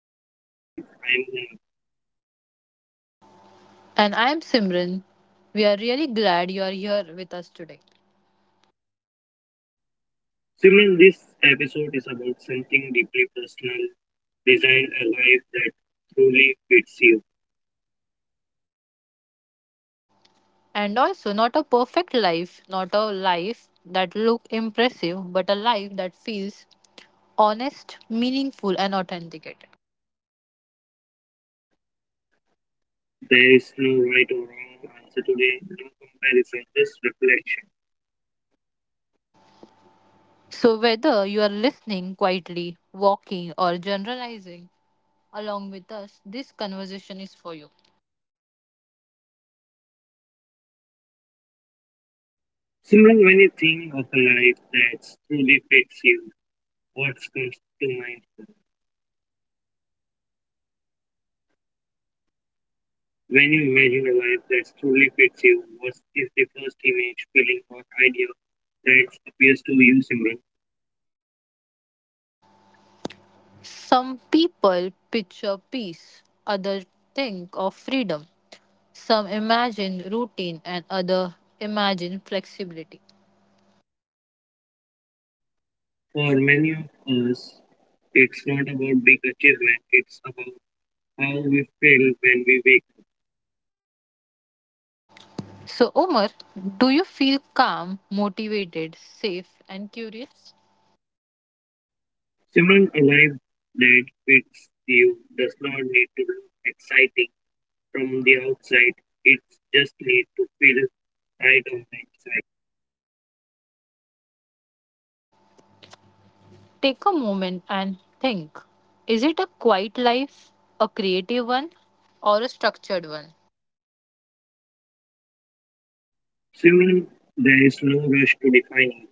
to Design Life. I'm And I'm Simran. We are really glad you are here with us today. Simran. This episode is about something deeply personal. Design a life that truly fits you. And also, not a perfect life, not a life that look impressive, but a life that feels honest, meaningful, and authenticated. There is no right or wrong answer today, no comparison, just reflection. So, whether you are listening quietly, walking, or generalizing along with us, this conversation is for you. Simran, when you think of a life that truly fits you, what comes to mind? When you imagine a life that truly fits you, what is the first image, feeling, or idea that appears to you, Simran? Some people picture peace, others think of freedom. Some imagine routine and other imagine flexibility. For many of us, it's not about big achievement, it's about how we feel when we wake up. So, Omar, do you feel calm, motivated, safe, and curious? Simran, a life that fits you does not need to look exciting from the outside, it just needs to feel right on the inside. Take a moment and think, is it a quiet life, a creative one, or a structured one? Simran, there is no rush to defining.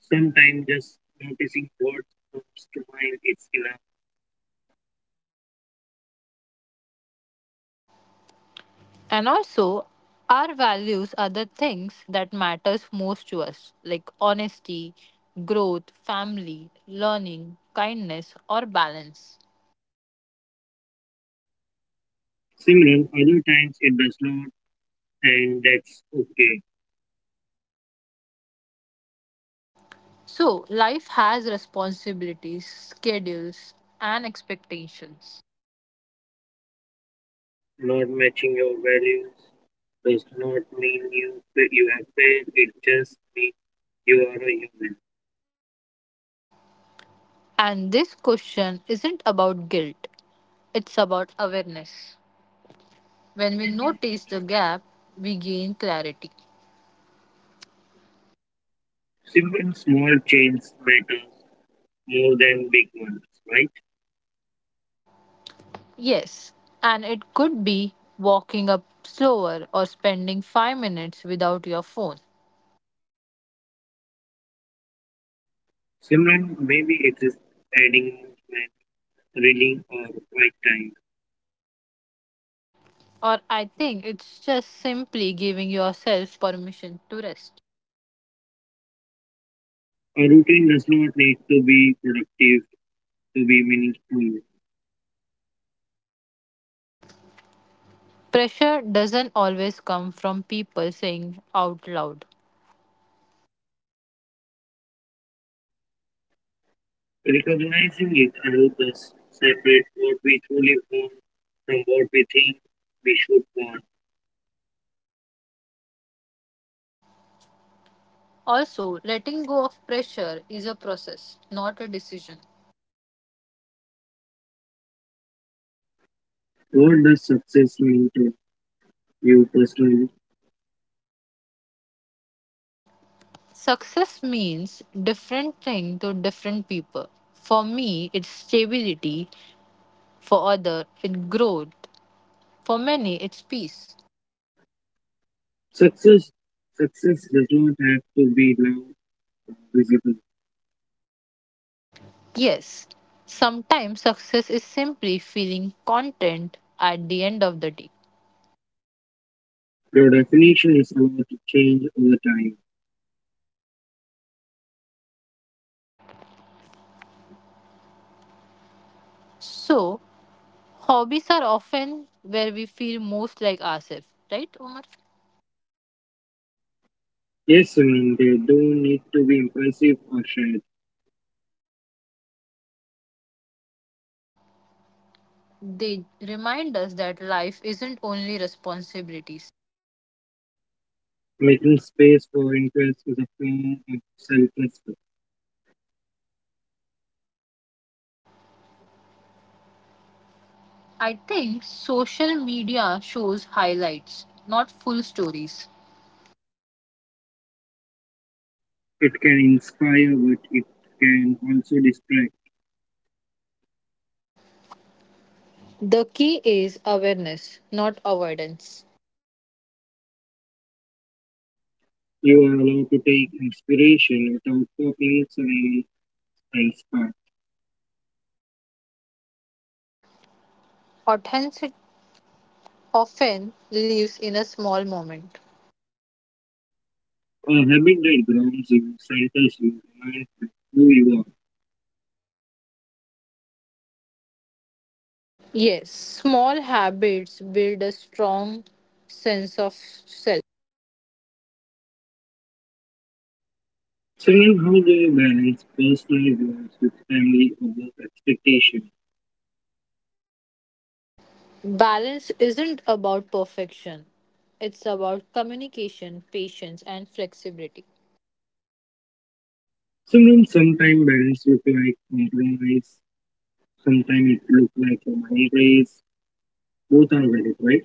Sometimes just noticing what comes to mind is enough. And also, our values are the things that matters most to us, like honesty, growth, family, learning, kindness, or balance. Simran, other times it does not, and that's okay. So, life has responsibilities, schedules, and expectations. Not matching your values does not mean you have failed. It just means you are a human. And this question isn't about guilt, it's about awareness. When we notice the gap, we gain clarity. Simran, small changes matters more than big ones, right? Yes, and it could be walking up slower or spending 5 minutes without your phone. Simran, maybe it is adding movement, reading, or quiet time. Or I think it's just simply giving yourself permission to rest. A routine does not need to be productive to be meaningful. Pressure doesn't always come from people saying out loud. Recognizing it helps us separate what we truly want from what we think we should want. Also, letting go of pressure is a process, not a decision. What does success mean to you personally? Success means different thing to different people. For me, it's stability. For other, it's growth. For many, it's peace. Success success does not have to be now visible. Yes, sometimes success is simply feeling content at the end of the day. Your definition is allowed to change over time. So, hobbies are often where we feel most like ourselves, right, Omar? Yes, I mean they don't need to be impressive or shared. They remind us that life isn't only responsibilities. Making space for interest is a form of self-respect. I think social media shows highlights, not full stories. It can inspire, but it can also distract. The key is awareness, not avoidance. You are allowed to take inspiration without copying someone else's path. Authenticity often lives in a small moment. A habit that grounds you, centers you, reminds you who you are. Yes, small habits build a strong sense of self. Children, how they balance personal goals with family or work expectation. Balance isn't about perfection, it's about communication, patience, and flexibility. Children, sometimes balance look like compromise, sometimes it look like a money raise. Both are valid, right?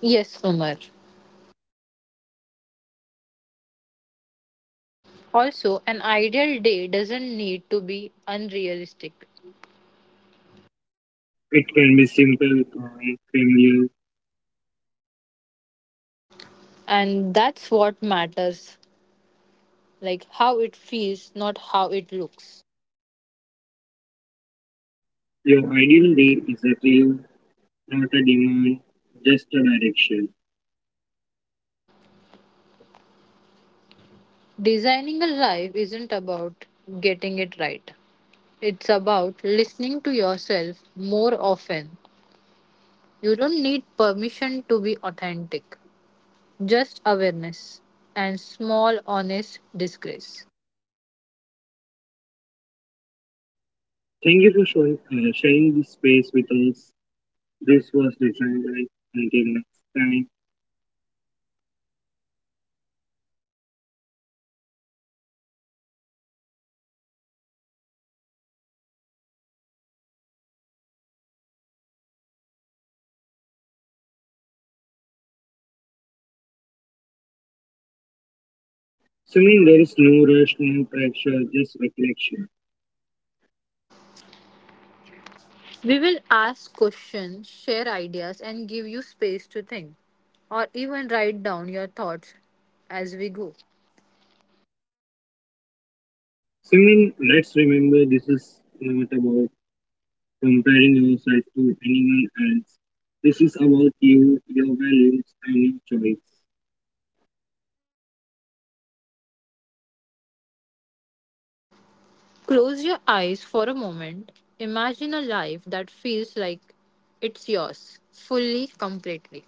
Yes, Umar. Also, an ideal day doesn't need to be unrealistic. It can be simple, calm, familiar. And that's what matters, like how it feels, not how it looks. Your ideal day is a clue, not a demand, just a direction. Designing a life isn't about getting it right. It's about listening to yourself more often. You don't need permission to be authentic, just awareness and small, honest disgrace. Thank you for sharing this space with us. This was Design Life. Until next time. Swimming, there is no rush, no pressure, just reflection. We will ask questions, share ideas, and give you space to think or even write down your thoughts as we go. Simran, let's remember this is not about comparing yourself to anyone else. This is about you, your values, and your choice. Close your eyes for a moment. Imagine a life that feels like it's yours, fully, completely.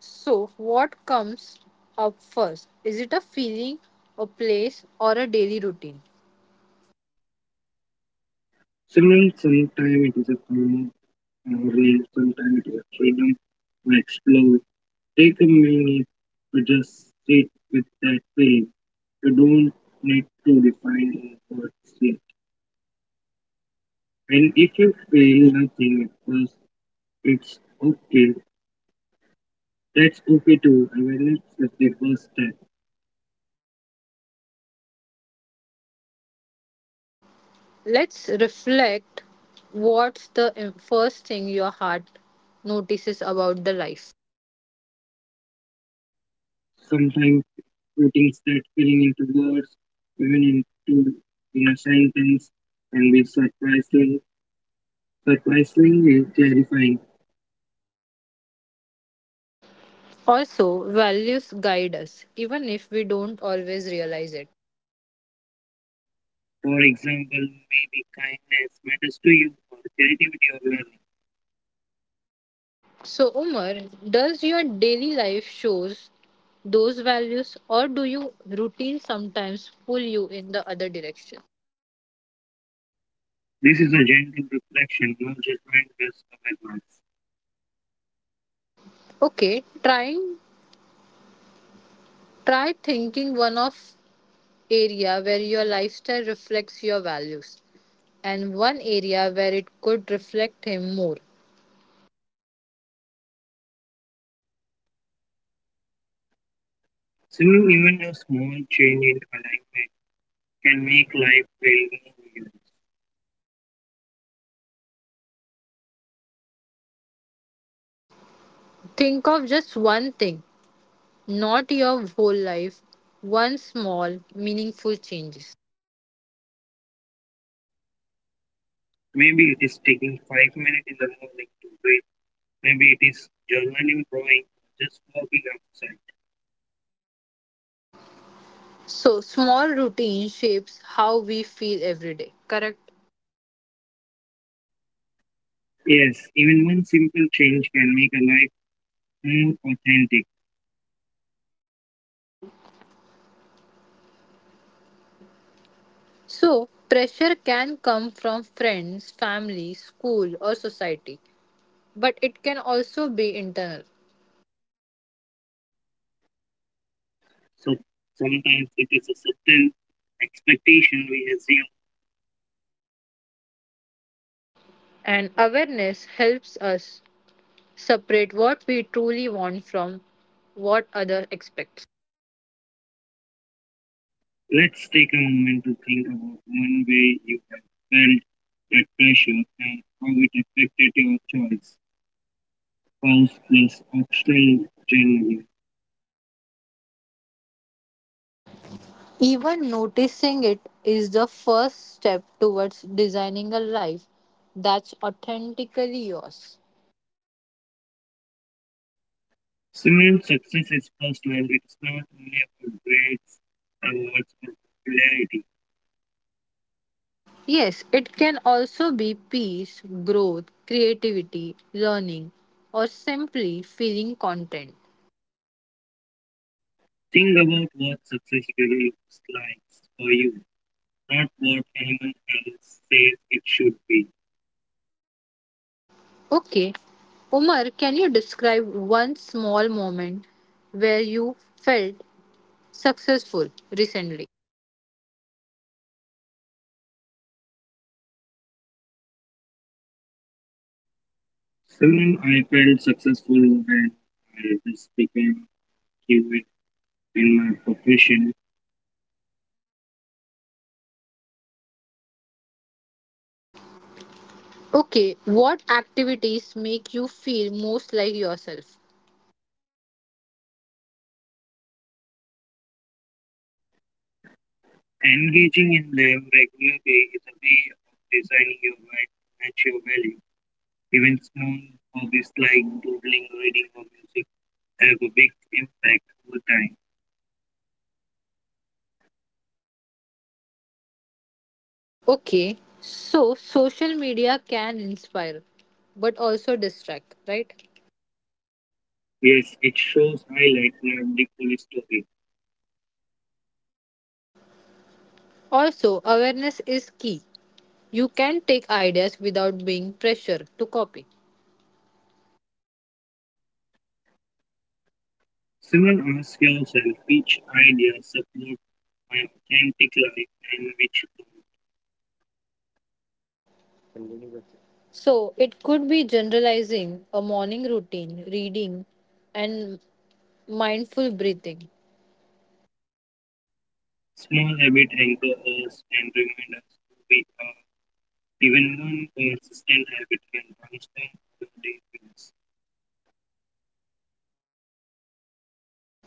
So, what comes up first? Is it a feeling, a place, or a daily routine? Simran, sometimes it is a form of learning, sometimes it is a freedom to explore. Take a minute to just sit with that feeling. You don't need to define what's it. And if you feel nothing at first, it's okay. That's okay too. Awareness is the first step. Let's reflect, what's the first thing your heart notices about the life. Sometimes putting that feeling into words, even into in a sentence, can be surprisingly clarifying. Also, values guide us, even if we don't always realize it. For example, maybe kindness matters to you, or creativity or learning. So, Umar, does your daily life shows those values, or do you routine sometimes pull you in the other direction? This is a gentle reflection, no judgment, just awareness. Okay, try thinking one of area where your lifestyle reflects your values and one area where it could reflect him more. Similarly, even a small change in alignment can make life feel more meaningful. Think of just one thing, not your whole life, one small, meaningful changes. Maybe it is taking 5 minutes in the morning to breathe. Maybe it is journaling, drawing, just walking outside. So, small routine shapes how we feel every day, correct? Yes, even one simple change can make a life more authentic. So, pressure can come from friends, family, school, or society, but it can also be internal. So sometimes it is a subtle expectation we assume. And awareness helps us separate what we truly want from what other expects. Let's take a moment to think about one way you have felt that pressure and how it affected your choice, spouse plus optional generally. Even noticing it is the first step towards designing a life that's authentically yours. Student success is first when it's not only about grades, awards, or popularity. Yes, it can also be peace, growth, creativity, learning, or simply feeling content. Think about what success really looks like for you, not what anyone else says it should be. Okay, Umar, can you describe one small moment where you felt successful recently? Soon I felt successful when I just became fluent in my profession. Okay, what activities make you feel most like yourself? Engaging in them regularly is a way of designing your life to match your value. Even small hobbies like doodling, reading, or music have a big impact over time. Okay, so social media can inspire but also distract, right? Yes, it shows highlight not the full story. Also, awareness is key. You can take ideas without being pressure to copy. Soon ask yourself which ideas support my authentic life and which. So, it could be generalizing a morning routine, reading, and mindful breathing. Small habit anchor us and remind us who we are. Even one consistent habit can transform your day feels.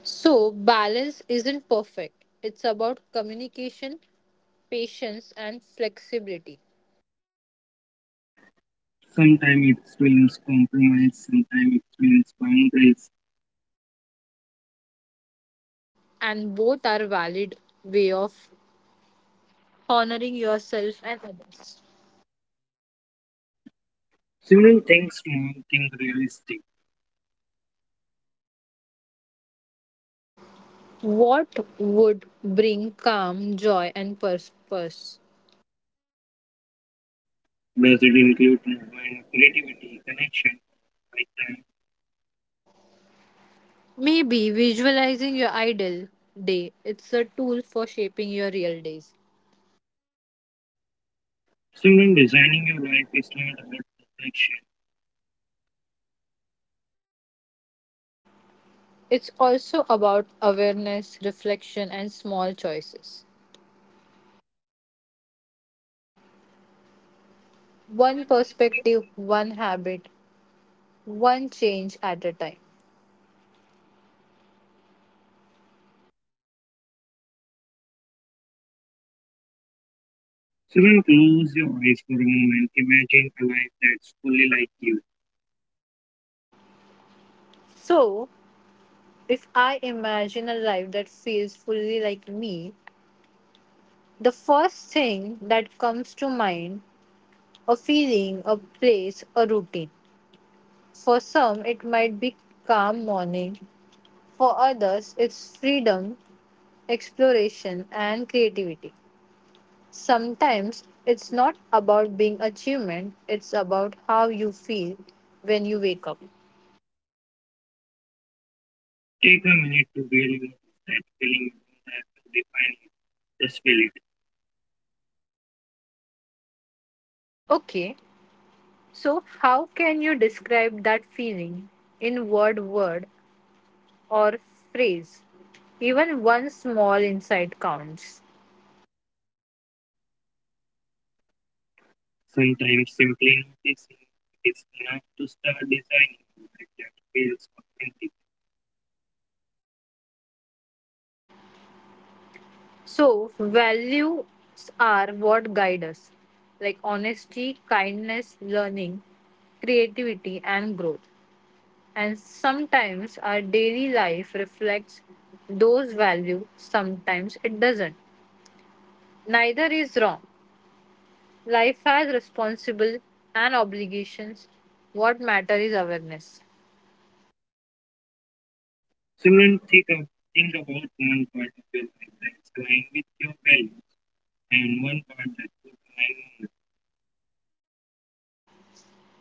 So, balance isn't perfect. It's about communication, patience, and flexibility. Sometimes it means compromise, sometimes it means boundaries. And both are valid way of honoring yourself and others. Simple things, small things realistic. What would bring calm, joy, and purpose? Does it include movement, creativity, connection, right time? Maybe visualizing your ideal day. It's a tool for shaping your real days. Simran, designing your life is not about perfection. It's also about awareness, reflection, and small choices. One perspective, one habit, one change at a time. Simran, close your eyes for a moment. Imagine a life that's fully like you. So, if I imagine a life that feels fully like me, the first thing that comes to mind, a feeling, a place, a routine. For some, it might be calm morning. For others, it's freedom, exploration, and creativity. Sometimes it's not about being achievement, it's about how you feel when you wake up. Take a minute to really notice that feeling, you don't have to define it, just feel it. Okay, so how can you describe that feeling in word, or phrase? Even one small insight counts. Sometimes simply noticing is enough to start designing a life that feels authentic. So, values are what guide us, like honesty, kindness, learning, creativity, and growth. And sometimes our daily life reflects those values, sometimes it doesn't. Neither is wrong. Life has responsible and obligations. What matter is awareness. So think about one part of your life that's aligned with your values and one part that could align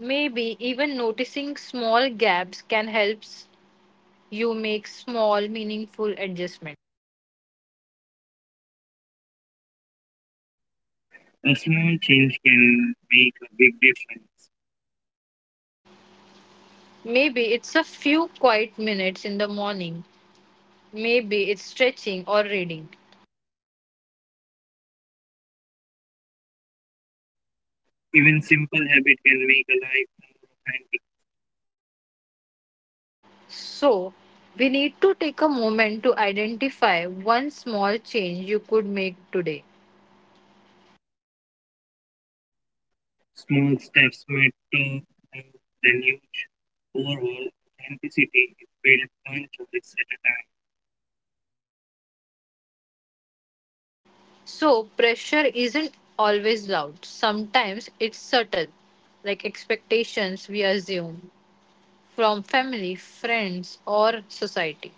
Maybe even noticing small gaps can help you make small, meaningful adjustments. more. A small change can make a big difference. Maybe it's a few quiet minutes in the morning. Maybe it's stretching or reading. Even simple habit can make a life more authentic. So, we need to take a moment to identify one small change you could make today. Small steps matter more than huge. Overall, authenticity is built one choice at a time. So, pressure isn't always loud, sometimes it's subtle, like expectations we assume from family, friends, or society.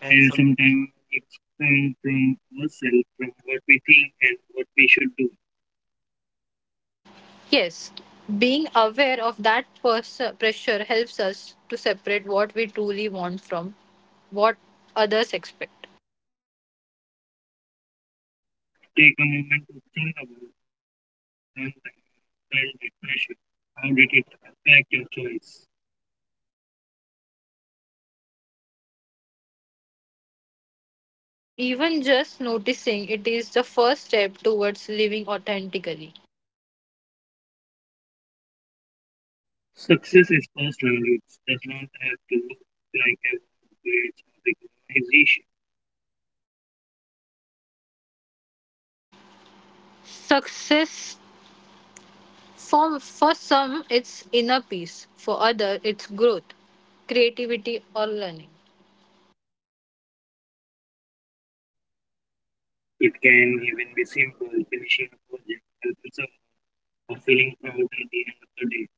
And And some sometimes it's come from ourselves, from what we think and what we should do. yes, being aware of that pressure helps us to separate what we truly want from what others expect. Take a moment to think about one time you felt that pressure. How did it affect your choice? Even just noticing it is the first step towards living authentically. Success is personal. It does not have to look like a great organization. Success for some it's inner peace, for others it's growth, creativity or learning. It can even be simple, finishing a project, helping someone, or feeling proud at the end of the day.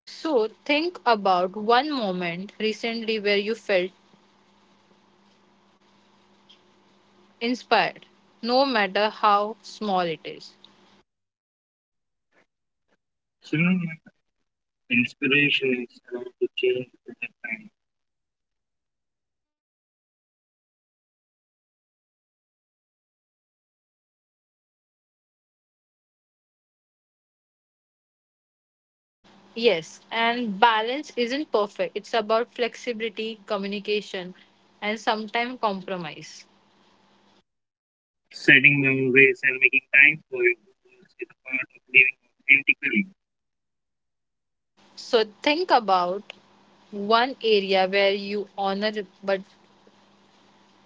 So think about one moment recently where you felt inspired, no matter how small it is. So, you know, my inspiration is around to change with the time. Yes, and balance isn't perfect. It's about flexibility, communication, and sometimes compromise. Setting boundaries and making time for your goals is a part of living authentically. So think about one area where you honor but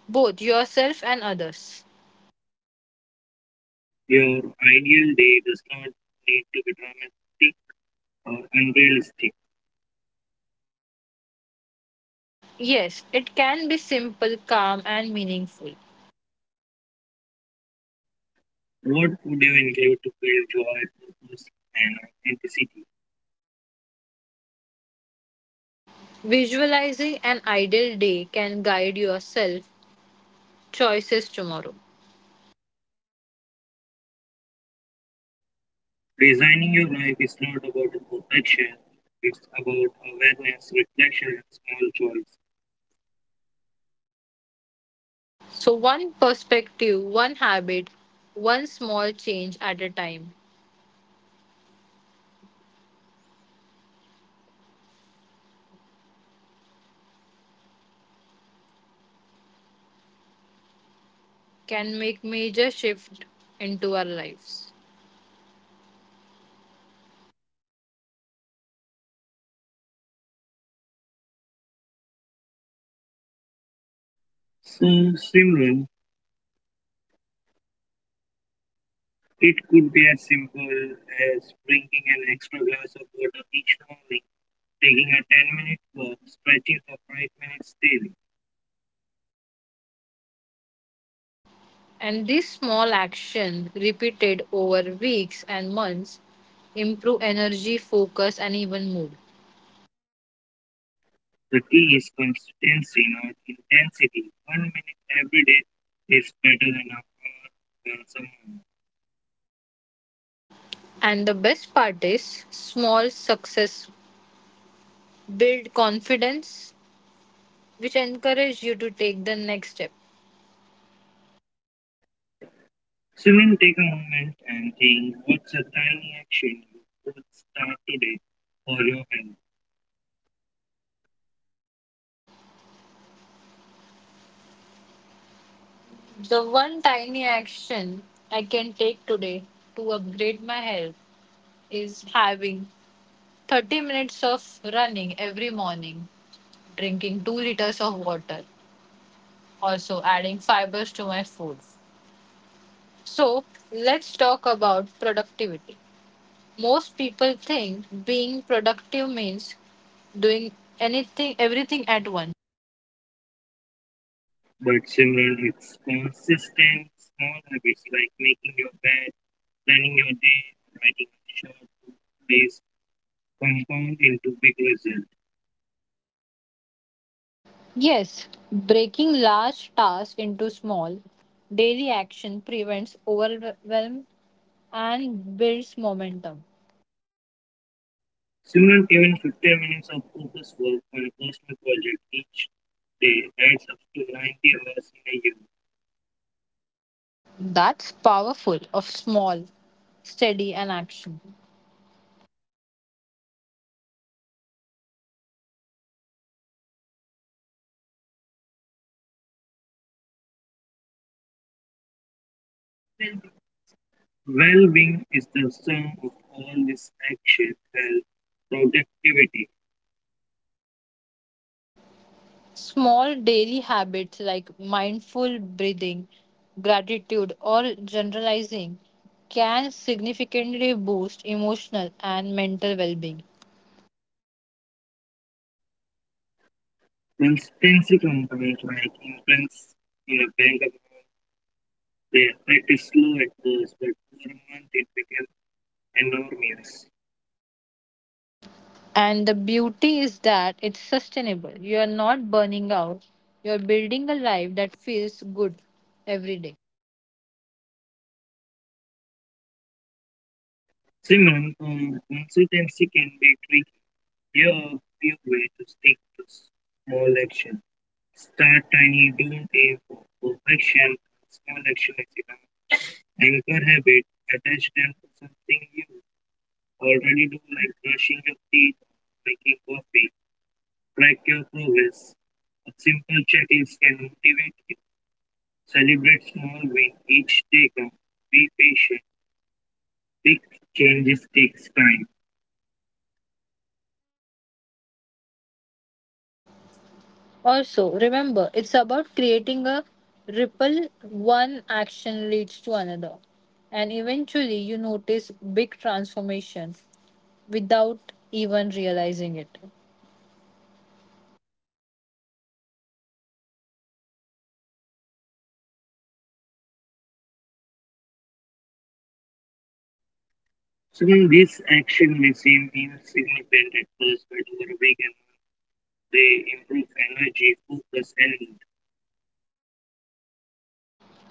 both yourself and others. Your ideal day does not need to be dramatic or unrealistic. Yes, it can be simple, calm, and meaningful. What would you include to build joy, purpose, and authenticity? Visualizing an ideal day can guide yourself choices tomorrow. Designing your life is not about a perfection, it's about awareness, reflection, and small choice. So one perspective, one habit, one small change at a time can make major shift into our lives. So, Simran, it could be as simple as drinking an extra glass of water each morning, taking a 10-minute walk, stretching for 5 minutes daily. And these small actions repeated over weeks and months improve energy, focus and even mood. The key is consistency, not intensity. 1 minute every day is better than a hour once a month. And the best part is small success build confidence which encourage you to take the next step. So, then take a moment and think what's a tiny action you could start today for your health. The one tiny action I can take today to upgrade my health is having 30 minutes of running every morning, drinking 2 liters of water also adding fibers to my food. So, let's talk about productivity. Most people think being productive means doing anything, everything at once. But similarly, it's consistent small habits like making your bed, planning your day, writing a short days compound into big results. Yes, breaking large tasks into small, daily action prevents overwhelm and builds momentum. Similar, even 15 minutes of focused work on a personal project each day adds up to 90 hours in a year. That's powerful of small, steady, and action. Well being is the sum of all this action, health, productivity, Small daily habits like mindful breathing, gratitude, or generalizing can significantly boost emotional and mental well being. consistency components like influence in a bank. The effect is slow at first, but for a month it became enormous. And the beauty is that it's sustainable. You are not burning out, you're building a life that feels good every day. Simon, consistency can be tricky. Here are a few ways to stick to small action. Start tiny, don't aim for perfection. Small action is enough. Anchor habit, attach them to something you already do, like brushing your teeth, making coffee. Track your progress. A simple checklist can motivate. Celebrate small wins each taken. Be patient. Big changes takes time. Also, remember, it's about creating a ripple. One action leads to another. And eventually, you notice big transformation without even realizing it. So when this action may seem insignificant at first, but over a weekend they improve energy, focus, and mood.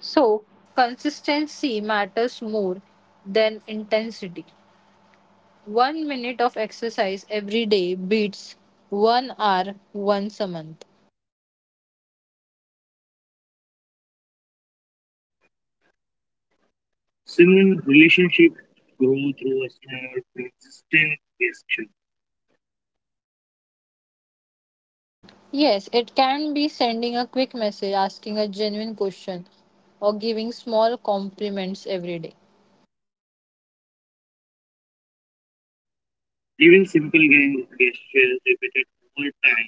So, consistency matters more than intensity. 1 minute of exercise every day beats 1 hour once a month. Similar relationships grow through a small, consistent gesture. Yes, it can be sending a quick message, asking a genuine question, or giving small compliments every day. Even simple gestures repeated over time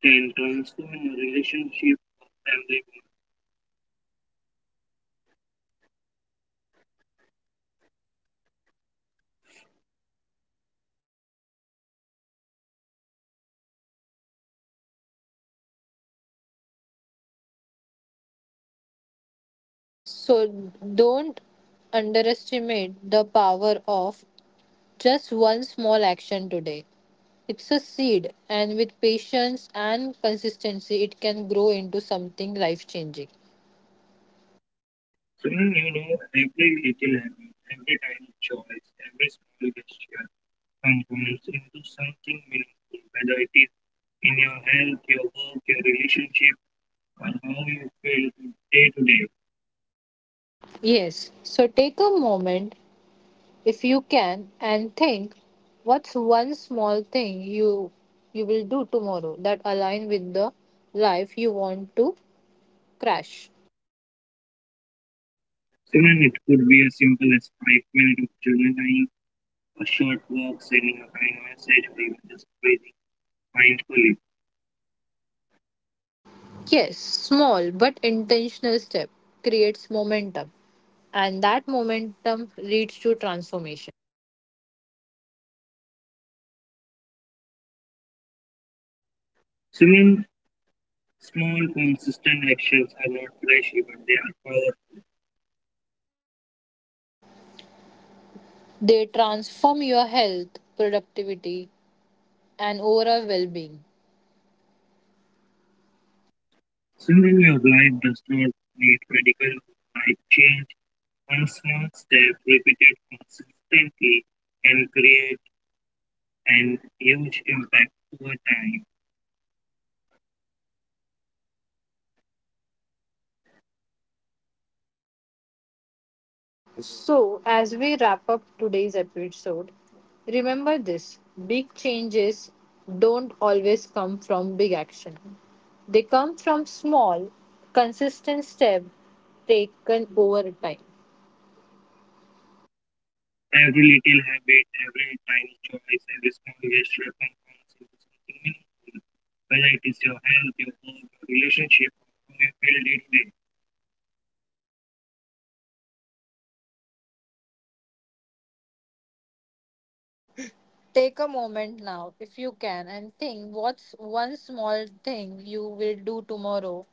can transform a relationship or family bond. So don't underestimate the power of just one small action today. It's a seed, and with patience and consistency, it can grow into something life changing. So when you know every little habit, every tiny choice, every small gesture and goals into something meaningful, whether it is in your health, your work, your relationship, or how you feel day to day. Yes, so take a moment if you can and think what's one small thing you will do tomorrow that align with the life you want to crash. Similarly, it could be as simple as 5 minutes of journaling, a short walk, sending a kind message, or even just breathing mindfully. Yes, small but intentional step creates momentum, and that momentum leads to transformation. Similar small, consistent actions are not flashy, but they are powerful. They transform your health, productivity, and overall well being. Similarly, your life does not need radical life change. One small step repeated consistently can create and huge impact over time. So, as we wrap up today's episode, remember this, big changes don't always come from big action, they come from small, consistent steps taken over time. Every little habit, every tiny choice, every small gesture compounds into something meaningful. Whether it is your health, your work, your relationship, or how you feel day to day, Take a moment now, if you can, and think what's one small thing you will do tomorrow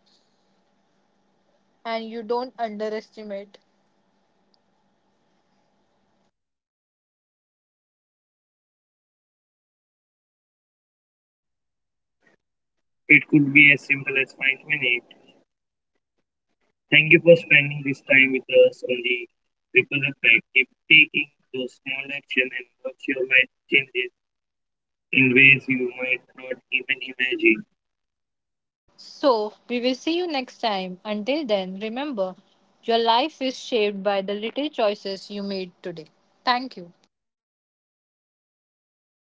and you don't underestimate. it could be as simple as 5 minutes. Thank you for spending this time with us on the Ripple Effect. Keep taking those small actions and watch your life changes in ways you might not even imagine. So, we will see you next time. Until then, remember your life is shaped by the little choices you made today. Thank you.